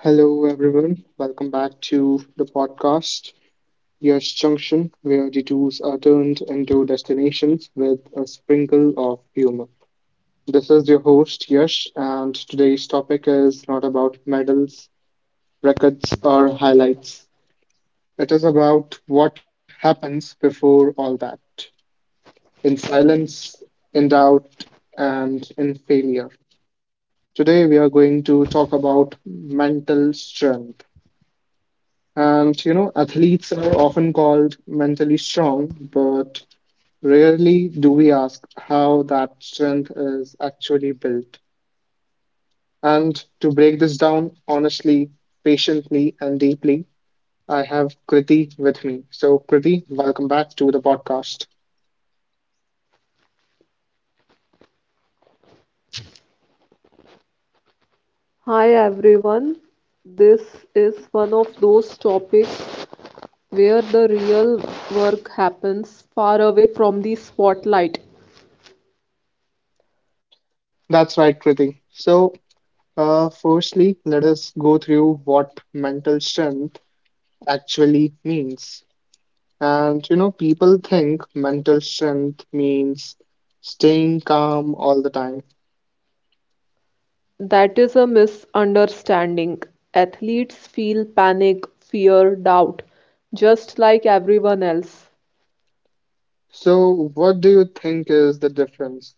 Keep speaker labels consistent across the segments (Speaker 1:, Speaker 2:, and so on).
Speaker 1: Hello, everyone. Welcome back to the podcast, Yes Junction, where detours are turned into destinations with a sprinkle of humor. This is your host, Yash, and today's topic is not about medals, records, or highlights. It is about what happens before all that, in silence, in doubt, and in failure. Today, we are going to talk about mental strength. And athletes are often called mentally strong, but rarely do we ask how that strength is actually built. And to break this down honestly, patiently, and deeply, I have Kriti with me. So, Kriti, welcome back to the podcast.
Speaker 2: Hi everyone, this is one of those topics where the real work happens far away from the spotlight.
Speaker 1: That's right, Kriti. So, firstly, let us go through what mental strength actually means. And people think mental strength means staying calm all the time.
Speaker 2: That is a misunderstanding. Athletes feel panic, fear, doubt, just like everyone else.
Speaker 1: So, what do you think is the difference?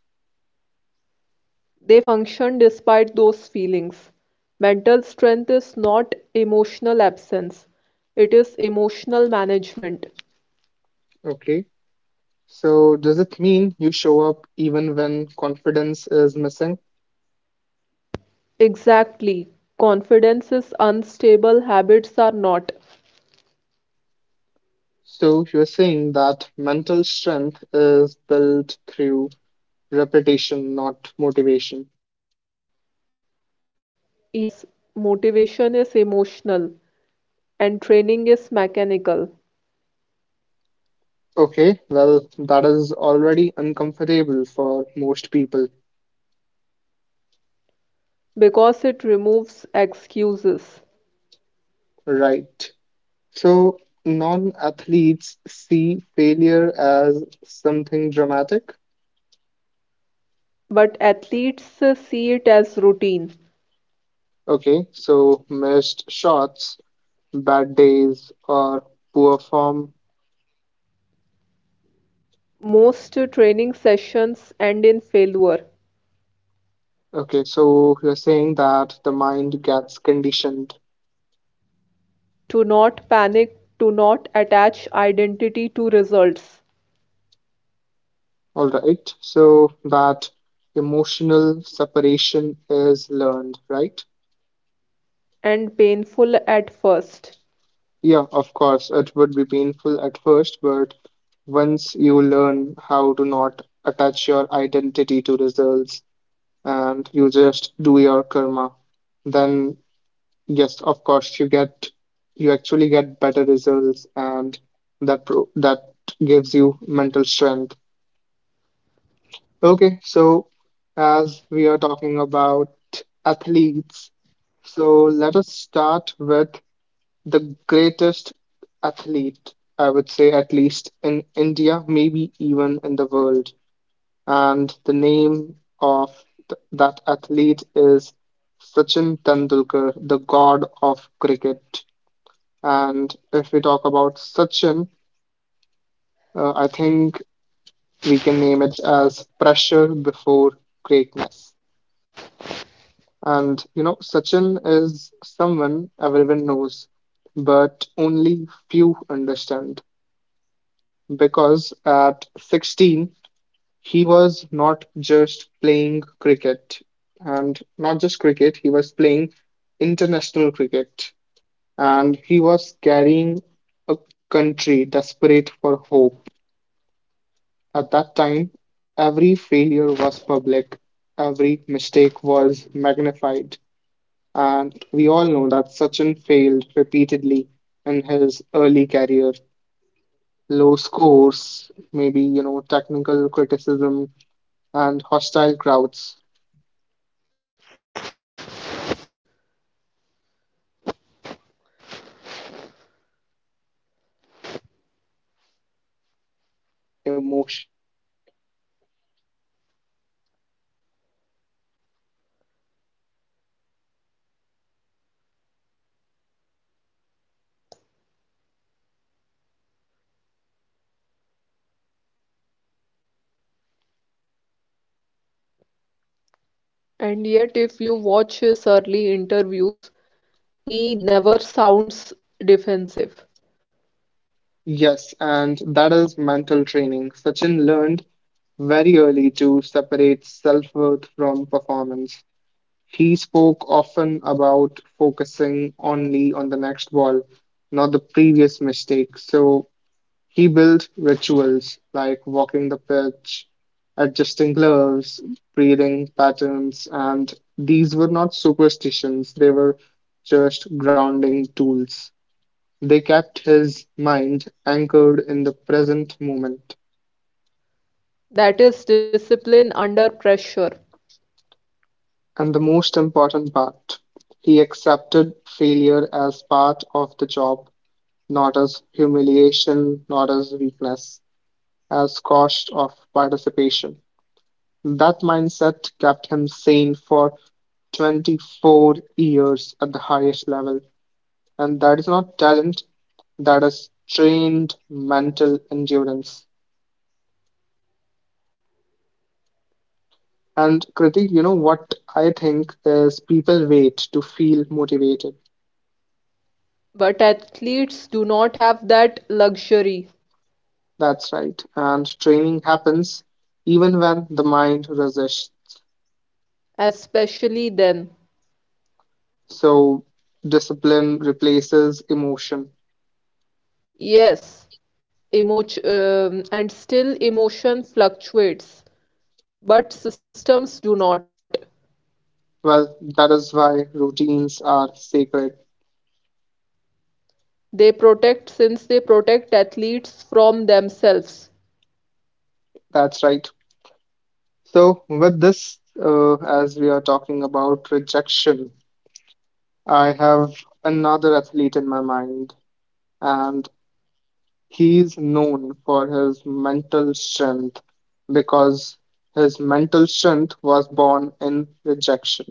Speaker 2: They function despite those feelings. Mental strength is not emotional absence, it is emotional management.
Speaker 1: Okay. So, does it mean you show up even when confidence is missing?
Speaker 2: Exactly. Confidence is unstable, habits are not.
Speaker 1: So, you're saying that mental strength is built through repetition, not motivation.
Speaker 2: Yes, motivation is emotional and training is mechanical
Speaker 1: Okay. Well, that is already uncomfortable for most people,
Speaker 2: because it removes excuses.
Speaker 1: right? So, non athletes see failure as something dramatic.
Speaker 2: But athletes see it as routine.
Speaker 1: Okay, so missed shots, bad days, or poor form.
Speaker 2: Most training sessions end in failure.
Speaker 1: Okay, so you're saying that the mind gets conditioned.
Speaker 2: To not panic, to not attach identity to results,
Speaker 1: All right, so that emotional separation is learned, right?
Speaker 2: and painful at first.
Speaker 1: Yeah, of course, it would be painful at first, but once you learn how to not attach your identity to results, and you just do your karma, then yes, of course, you actually get better results, and that gives you mental strength. Okay, so as we are talking about athletes, so let us start with the greatest athlete, I would say, at least in India, maybe even in the world. And the name of that athlete is Sachin Tendulkar, the god of cricket. And if we talk about Sachin, I think we can name it as pressure before greatness. And Sachin is someone everyone knows, but only few understand because at 16 he was not just playing cricket, and not just cricket, he was playing international cricket, and he was carrying a country desperate for hope. At that time, every failure was public, every mistake was magnified, and we all know that Sachin failed repeatedly in his early career. Low scores, maybe, technical criticism, and hostile crowds. What most people forget is that he did not have senior players shielding him emotionally. India's expectations were heavy, relentless, and unforgiving.
Speaker 2: And yet, if you watch his early interviews, he never sounds defensive;
Speaker 1: Yes, and that is mental training. Sachin learned very early to separate self worth from performance. He spoke often about focusing only on the next ball, not the previous mistake. So he built rituals like walking the pitch, adjusting gloves, breathing patterns, and these were not superstitions, they were just grounding tools. They kept his mind anchored in the present moment.
Speaker 2: that is discipline under pressure,
Speaker 1: And the most important part, he accepted failure as part of the job, not as humiliation, not as weakness, as cost of participation. That mindset kept him sane for 24 years at the highest level. And that is not talent, that is trained mental endurance. And Kriti, what I think is people wait to feel motivated.
Speaker 2: but athletes do not have that luxury,
Speaker 1: That's right. And training happens even when the mind resists.
Speaker 2: especially then.
Speaker 1: So discipline replaces emotion.
Speaker 2: Yes, emotion, and still emotion fluctuates, but systems do not.
Speaker 1: Well, that is why routines are sacred.
Speaker 2: They protect since they protect athletes from themselves.
Speaker 1: That's right. So, with this, as we are talking about rejection, I have another athlete in my mind, and he's known for his mental strength because his mental strength was born in rejection,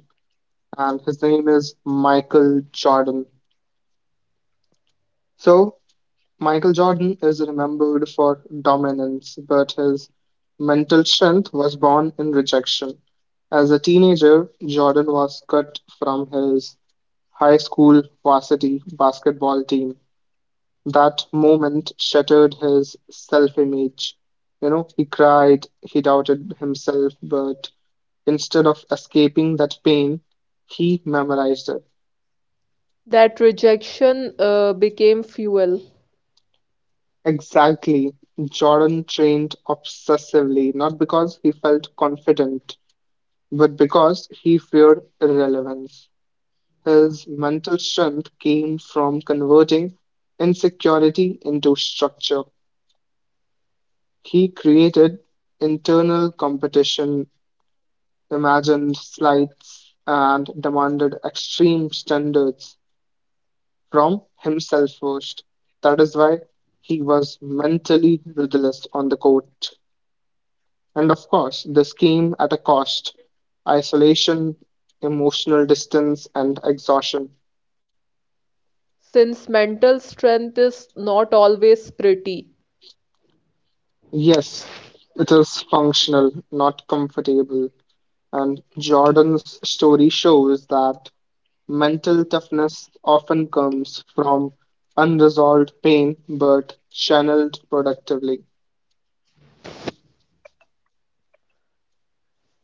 Speaker 1: and his name is Michael Jordan. So, Michael Jordan is remembered for dominance, but his mental strength was born in rejection. As a teenager, Jordan was cut from his high school varsity basketball team. That moment shattered his self image. He cried, he doubted himself, but instead of escaping that pain, he memorized it.
Speaker 2: That rejection became fuel,
Speaker 1: Exactly. Jordan trained obsessively, not because he felt confident, but because he feared irrelevance. His mental strength came from converting insecurity into structure. He created internal competition, imagined slights, and demanded extreme standards from himself first. That is why he was mentally ruthless on the court. And of course, this came at a cost: isolation, emotional distance, and exhaustion.
Speaker 2: since mental strength is not always pretty.
Speaker 1: Yes, it is functional, not comfortable. And Jordan's story shows that mental toughness often comes from unresolved pain but channeled productively.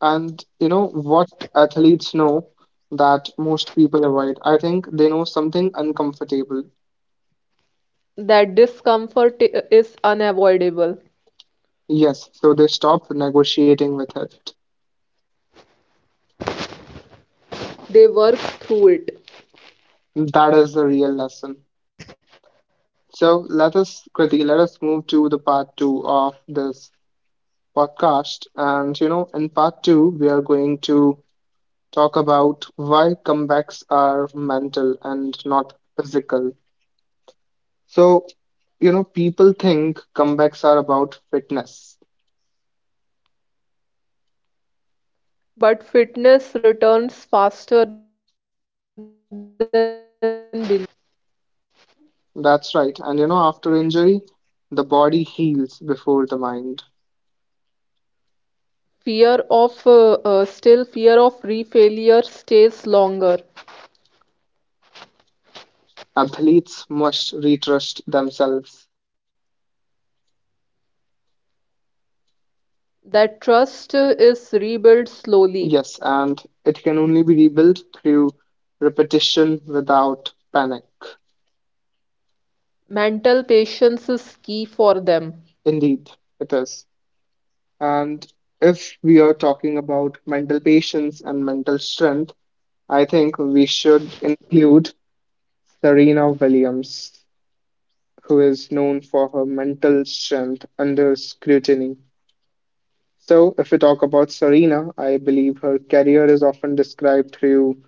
Speaker 1: And what athletes know that most people avoid? I think they know something uncomfortable.
Speaker 2: That discomfort is unavoidable.
Speaker 1: Yes, so they stop negotiating with it.
Speaker 2: They work through it.
Speaker 1: That is the real lesson. So let us, Kriti, let us move to the part two of this podcast. And in part two, we are going to talk about why comebacks are mental and not physical. So, people think comebacks are about fitness.
Speaker 2: But fitness returns faster than belief.
Speaker 1: That's right. And after injury, the body heals before the mind.
Speaker 2: Fear of still fear of refailure stays longer.
Speaker 1: Athletes must retrust themselves.
Speaker 2: That trust is rebuilt slowly.
Speaker 1: Yes, and it can only be rebuilt through repetition without panic.
Speaker 2: Mental patience is key for them.
Speaker 1: Indeed, it is. And if we are talking about mental patience and mental strength, I think we should include Serena Williams, who is known for her mental strength under scrutiny. So, if we talk about Serena, I believe her career is often described through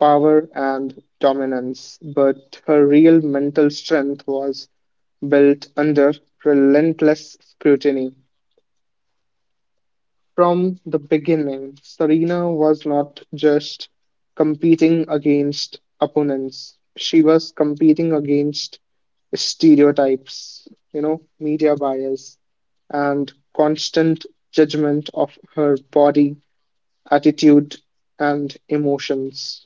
Speaker 1: power and dominance, but her real mental strength was built under relentless scrutiny. From the beginning, Serena was not just competing against opponents, she was competing against stereotypes, media bias, and constant judgment of her body, attitude, and emotions.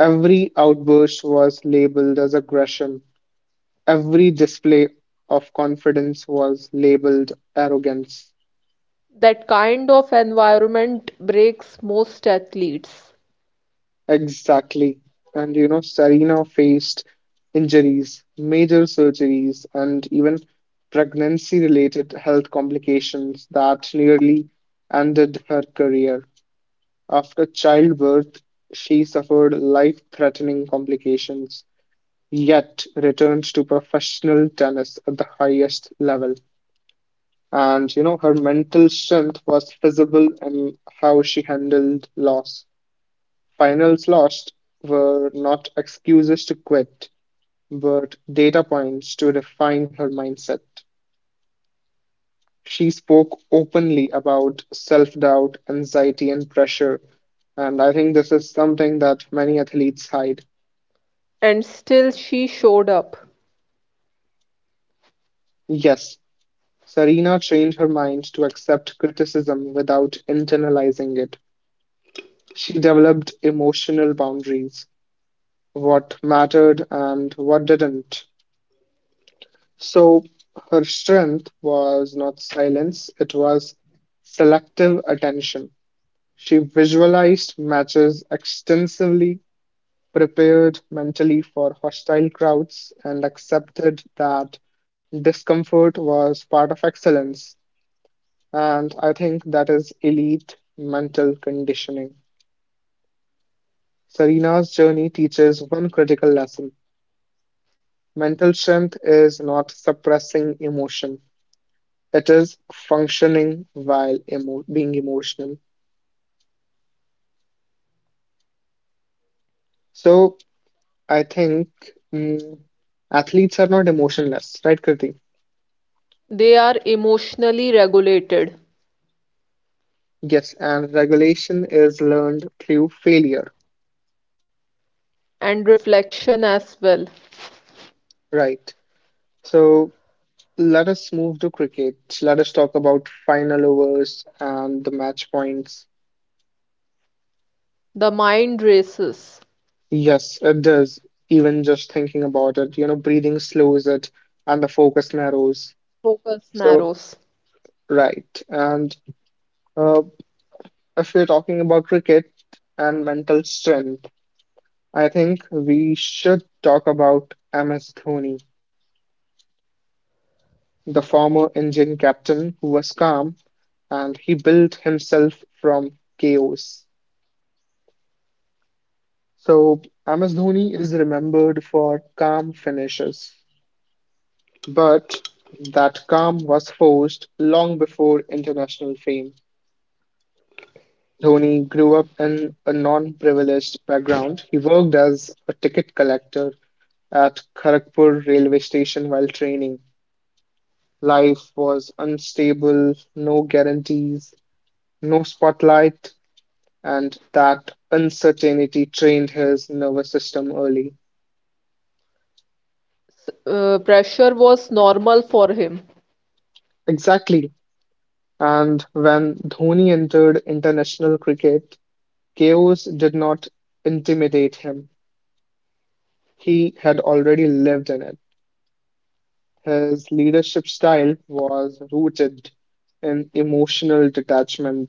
Speaker 1: Every outburst was labeled as aggression. Every display of confidence was labeled arrogance.
Speaker 2: That kind of environment breaks most athletes.
Speaker 1: Exactly. And Serena faced injuries, major surgeries, and even pregnancy related health complications that nearly ended her career. After childbirth, she suffered life threatening complications, yet returned to professional tennis at the highest level. And her mental strength was visible in how she handled loss. Finals lost were not excuses to quit, but data points to refine her mindset. She spoke openly about self doubt, anxiety, and pressure. And I think this is something that many athletes hide.
Speaker 2: And still, she showed up.
Speaker 1: Yes, Serena changed her mind to accept criticism without internalizing it. She developed emotional boundaries, what mattered and what didn't. So her strength was not silence, it was selective attention. She visualized matches extensively, prepared mentally for hostile crowds, and accepted that discomfort was part of excellence. And I think that is elite mental conditioning. Serena's journey teaches one critical lesson: mental strength is not suppressing emotion, that is functioning while being emotional. So I think mm, athletes are not emotionless, right, Kriti?
Speaker 2: They are emotionally regulated,
Speaker 1: Yes, and regulation is learned through failure,
Speaker 2: and reflection as well.
Speaker 1: right? So let us move to cricket. Let us talk about final overs and the match points.
Speaker 2: The mind races,
Speaker 1: Yes, it does. Even just thinking about it, breathing slows it and the focus narrows.
Speaker 2: focus
Speaker 1: So,
Speaker 2: narrows.
Speaker 1: right. And uh, if we're talking about cricket and mental strength, I think we should talk about MS Dhoni, the former Indian captain who was calm and he built himself from chaos. So, MS Dhoni is remembered for calm finishes, but that calm was forced long before international fame. Dhoni grew up in a non privileged background. He worked as a ticket collector at Kharagpur railway station while training. Life was unstable, no guarantees, no spotlight, and that uncertainty trained his nervous system early.
Speaker 2: Pressure was normal for him.
Speaker 1: Exactly. And when Dhoni entered international cricket, chaos did not intimidate him. He had already lived in it. His leadership style was rooted in emotional detachment.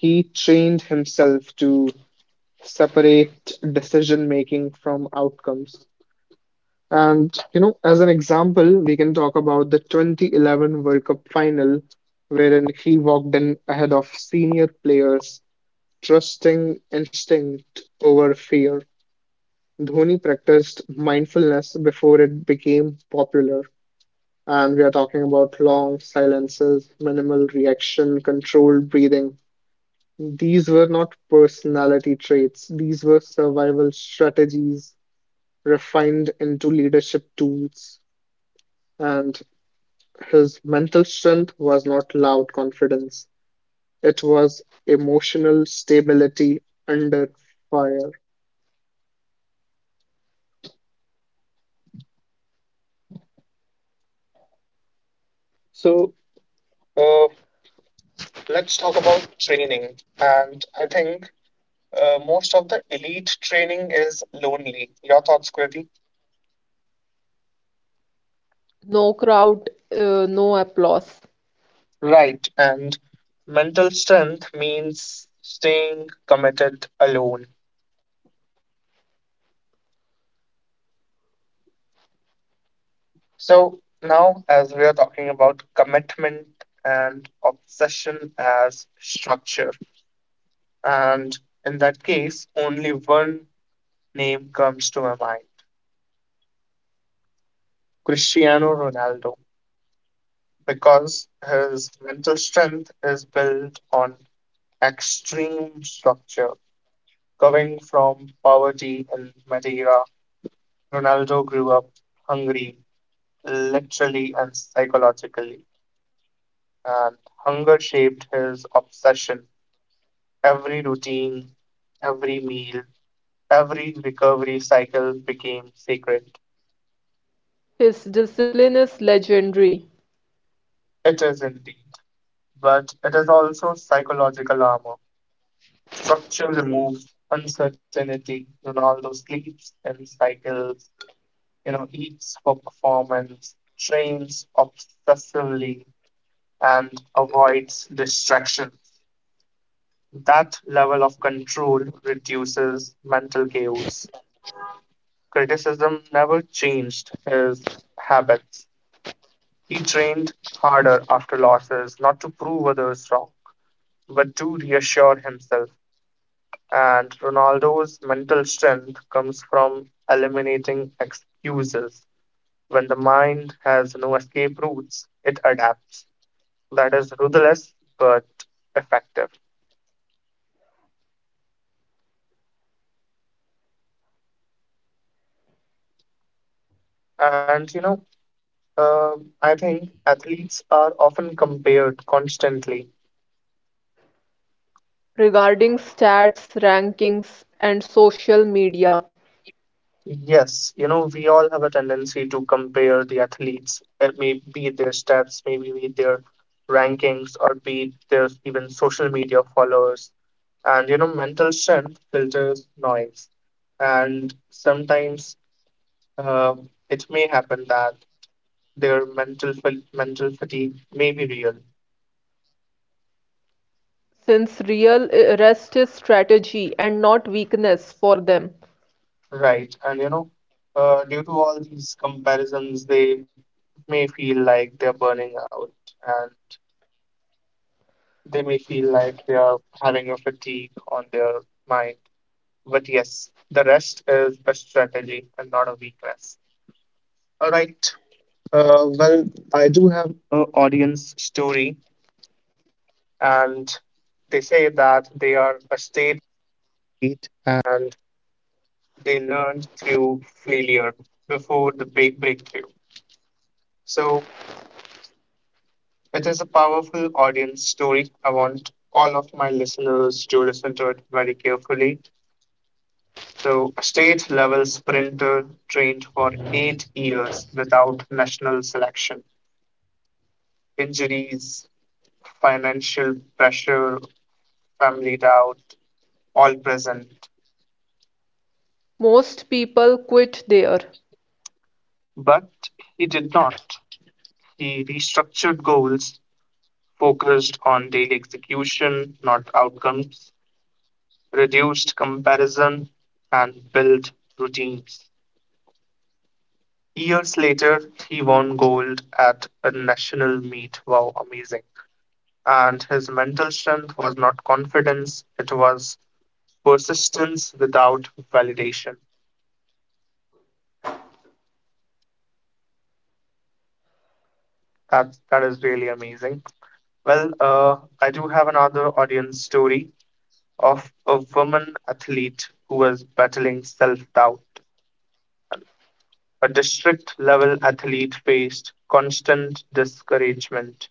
Speaker 1: He trained himself to separate decision making from outcomes. And, as an example, we can talk about the 2011 World Cup final, wherein he walked in ahead of senior players, trusting instinct over fear. Dhoni practiced mindfulness before it became popular. And we are talking about long silences, minimal reaction, controlled breathing. These were not personality traits, these were survival strategies refined into leadership tools, and his mental strength was not loud confidence, it was emotional stability under fire. So, uh, let's talk about training. And I think most of the elite training is lonely. Your thoughts, Kriti?
Speaker 2: No crowd, no applause.
Speaker 1: Right. And mental strength means staying committed alone. So now, as we are talking about commitment and obsession as structure, and in that case, only one name comes to my mind: Cristiano Ronaldo, because his mental strength is built on extreme structure. Coming from poverty in Madeira, Ronaldo grew up hungry, literally and psychologically, and hunger shaped his obsession. Every routine, every meal, every recovery cycle became sacred.
Speaker 2: His discipline is legendary
Speaker 1: It is indeed, but it is also psychological armor. Structure removes uncertainty. Ronaldo sleeps and cycles, eats for performance, trains obsessively, and avoids distractions. That level of control reduces mental chaos. Criticism never changed his habits. He trained harder after losses, not to prove others wrong, but to reassure himself. And Ronaldo's mental strength comes from eliminating excuses. When the mind has no escape routes, it adapts. That is ruthless but effective. And you know, uh, I think athletes are often compared constantly.
Speaker 2: regarding stats, rankings, and social media,
Speaker 1: Yes, you know, we all have a tendency to compare the athletes, be it their stats, maybe be it their rankings, or be it their even social media followers. And, you know, mental strength filters noise. And sometimes uh, it may happen that their mental fatigue may be real,
Speaker 2: since real rest is strategy and not weakness for them.
Speaker 1: right? And, due to all these comparisons, they may feel like they're burning out. They may feel like they are having a fatigue on their mind. But yes, the rest is a strategy and not a weakness. All right. Uh, well, I do have an audience story, and they say that they are a state athlete and they learned through failure before the big breakthrough. So it is a powerful audience story. I want all of my listeners to listen to it very carefully. So, state level sprinter trained for 8 years without national selection. Injuries, financial pressure, family doubt, all present.
Speaker 2: Most people quit there.
Speaker 1: But he did not. He restructured goals, focused on daily execution, not outcomes, reduced comparison, and built routines. Years later, he won gold at a national meet. Wow, amazing. And his mental strength was not confidence, it was persistence without validation. That is really amazing. Well, I do have another audience story of a woman athlete who was battling self-doubt. A district level athlete faced constant discouragement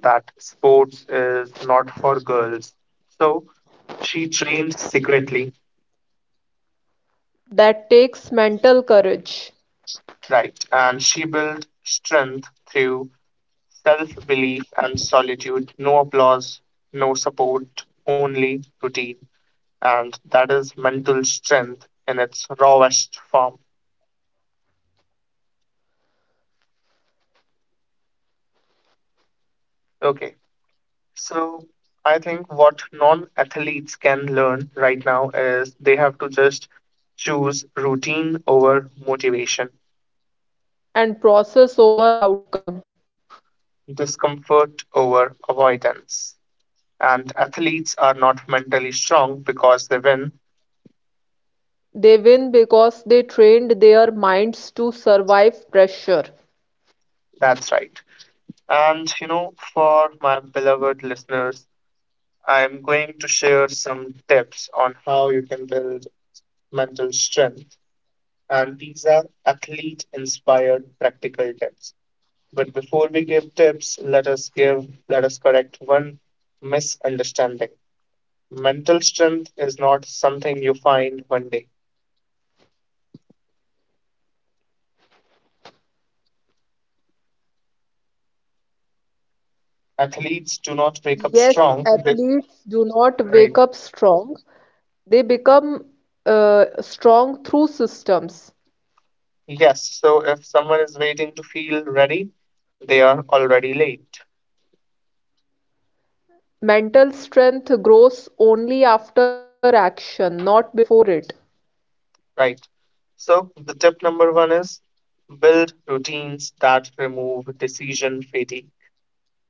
Speaker 1: that sports is not for girls. So she trained secretly,
Speaker 2: That takes mental courage
Speaker 1: right? And she built strength through self belief and solitude, no applause, no support, only routine. And that is mental strength in its rawest form. Okay, so I think what non athletes can learn right now is they have to just choose routine over motivation,
Speaker 2: and process over outcome.
Speaker 1: discomfort over avoidance. And athletes are not mentally strong because they win.
Speaker 2: They win because they trained their minds to survive pressure.
Speaker 1: That's right. And you know, for my beloved listeners, I'm going to share some tips on how you can build mental strength, and these are athlete inspired practical tips. But before we give tips, let us give, let us correct one misunderstanding. Mental strength is not something you find one day. Athletes do not wake up
Speaker 2: Yes,
Speaker 1: strong. They,
Speaker 2: athletes do not
Speaker 1: right.
Speaker 2: wake up strong. They become strong through systems.
Speaker 1: Yes. So if someone is waiting to feel ready, they are already late,
Speaker 2: Mental strength grows only after action, not before it,
Speaker 1: right? So the tip number one is build routines that remove decision fatigue.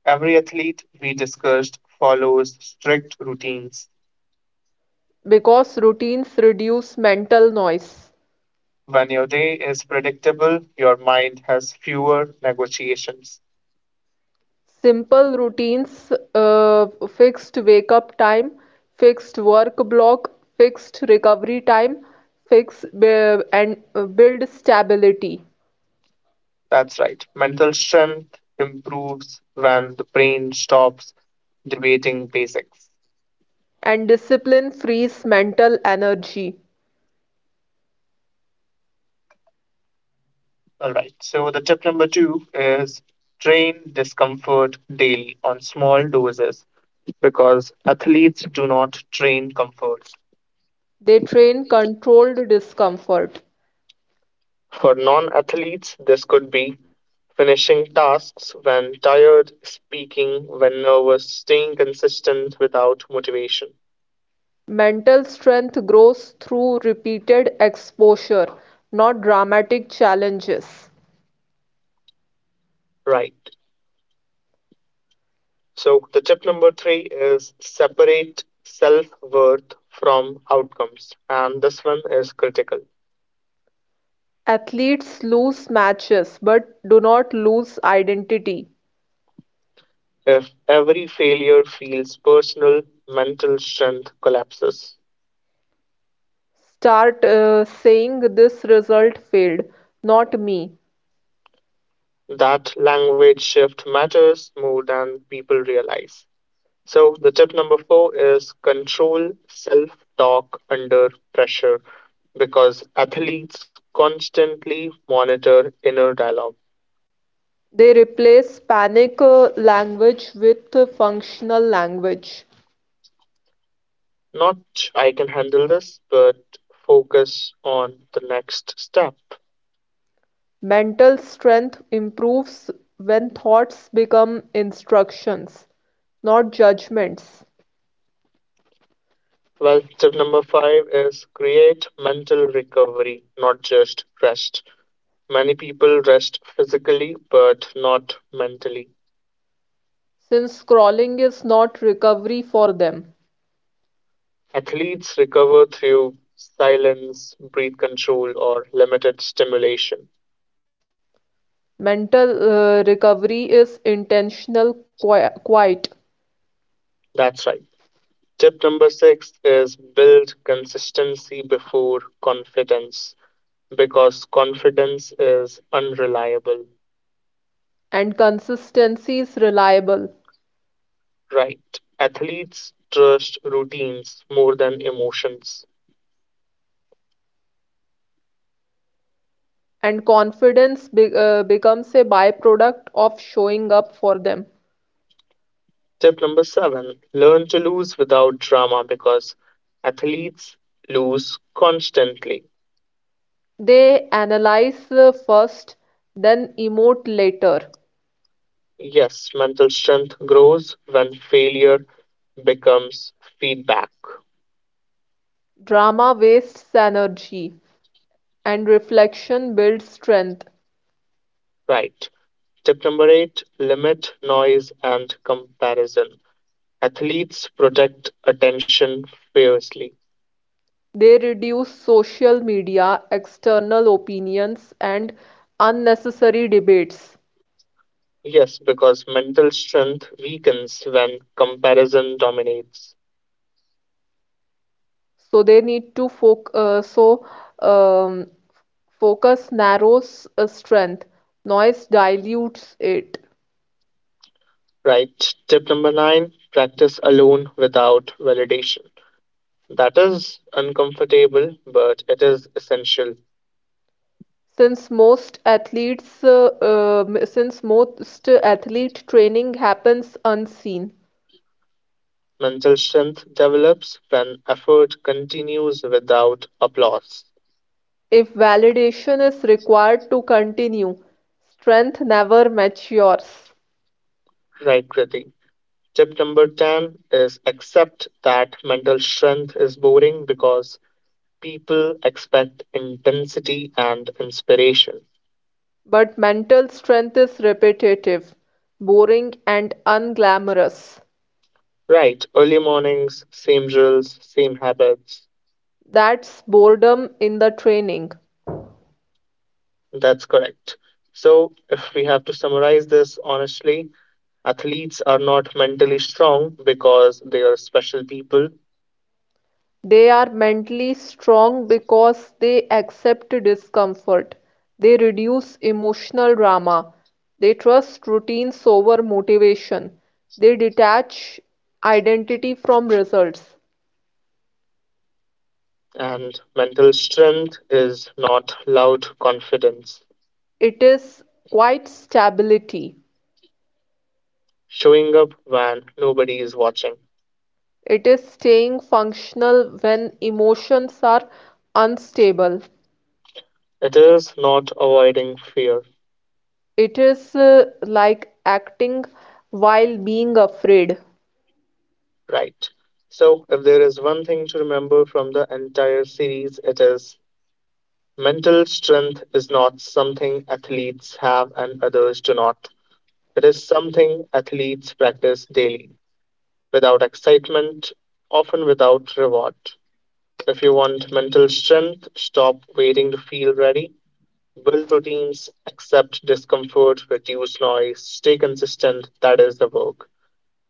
Speaker 1: Every athlete we discussed follows strict routines.
Speaker 2: because routines reduce mental noise.
Speaker 1: When your day is predictable, your mind has fewer negotiations.
Speaker 2: Simple routines: fixed wake-up time, fixed work block, fixed recovery time, and build stability.
Speaker 1: That's right. Mental strength improves when the brain stops debating basics.
Speaker 2: And discipline frees mental energy.
Speaker 1: All right. So the tip number two is train discomfort daily on small doses, because athletes do not train comfort.
Speaker 2: They train controlled discomfort.
Speaker 1: For non athletes, this could be finishing tasks when tired, speaking when nervous, staying consistent without motivation.
Speaker 2: Mental strength grows through repeated exposure, not dramatic challenges.
Speaker 1: Right. So, the tip number three is separate self worth from outcomes. And this one is critical.
Speaker 2: Athletes lose matches but do not lose identity.
Speaker 1: If every failure feels personal, mental strength collapses.
Speaker 2: Start saying this result failed, not me.
Speaker 1: That language shift matters more than people realize. So, the tip number four is control self talk under pressure because athletes constantly monitor inner dialogue.
Speaker 2: They replace panic language with functional language.
Speaker 1: Not I can handle this, but focus on the next step.
Speaker 2: Mental strength improves when thoughts become instructions, not judgments.
Speaker 1: Well, tip number five is create mental recovery, not just rest. Many people rest physically, but not mentally.
Speaker 2: Since scrolling is not recovery for them,
Speaker 1: Athletes recover through silence, breath control, or limited stimulation.
Speaker 2: mental recovery is intentional, quiet,
Speaker 1: That's right. Tip number six is build consistency before confidence because confidence is unreliable,
Speaker 2: and consistency is reliable.
Speaker 1: right? Athletes trust routines more than emotions.
Speaker 2: And confidence becomes a byproduct of showing up for them.
Speaker 1: Tip number seven, learn to lose without drama because athletes lose constantly.
Speaker 2: They analyze first, then emote later.
Speaker 1: Yes, mental strength grows when failure becomes feedback,
Speaker 2: Drama wastes energy, and reflection builds strength.
Speaker 1: right? Tip number eight, limit noise and comparison. Athletes protect attention fiercely.
Speaker 2: They reduce social media, external opinions, and unnecessary debates.
Speaker 1: Yes, because mental strength weakens when comparison dominates.
Speaker 2: So they need to foc so um, focus narrows a strength, noise dilutes it.
Speaker 1: Right. Tip number nine, practice alone without validation. That is uncomfortable, but it is essential.
Speaker 2: Since most athlete training happens unseen,
Speaker 1: Mental strength develops when effort continues without applause.
Speaker 2: if validation is required to continue, strength never matures.
Speaker 1: Right, Kriti. Tip number 10 is accept that mental strength is boring because people expect intensity and inspiration.
Speaker 2: But mental strength is repetitive, boring and unglamorous.
Speaker 1: Right, early mornings, same drills, same habits.
Speaker 2: That's boredom in the training.
Speaker 1: That's correct. So, if we have to summarize this honestly, athletes are not mentally strong because they are special people,
Speaker 2: They are mentally strong because they accept discomfort, they reduce emotional drama, they trust routines over motivation, they detach identity from results.
Speaker 1: and mental strength is not loud confidence,
Speaker 2: It is quite stability.
Speaker 1: showing up when nobody is watching.
Speaker 2: It is staying functional when emotions are unstable.
Speaker 1: It is not avoiding fear,
Speaker 2: It is like acting while being afraid.
Speaker 1: right? So, if there is one thing to remember from the entire series, it is mental strength is not something athletes have and others do not. It is something athletes practice daily, without excitement, often without reward. If you want mental strength, stop waiting to feel ready. Build routines, accept discomfort, reduce noise, stay consistent. That is the work.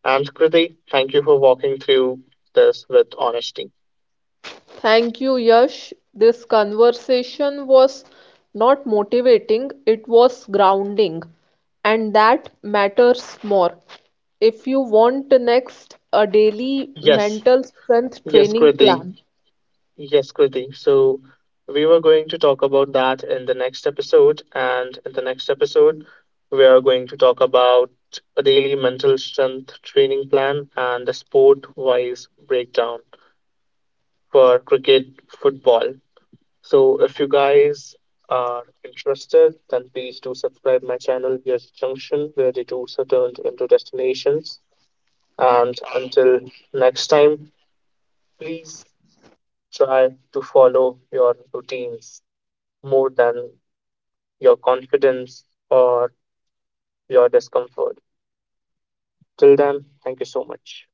Speaker 1: And Kriti, thank you for walking through this with honesty.
Speaker 2: Thank you, Yash. This conversation was not motivating, it was grounding, and that matters more. If you want next a daily
Speaker 1: Yes,
Speaker 2: mental strength
Speaker 1: yes,
Speaker 2: training
Speaker 1: Kriti.
Speaker 2: plan,
Speaker 1: Yes, Kriti. So we were going to talk about that in the next episode. And in the next episode, we are going to talk about a daily mental strength training plan and the sport wise breakdown for cricket, football. So if you guys are interested, then please do subscribe my channel, Here's Junction, where the tours are turned into destinations. And until next time, please try to follow your routines more than your confidence or your discomfort. Till then, thank you so much.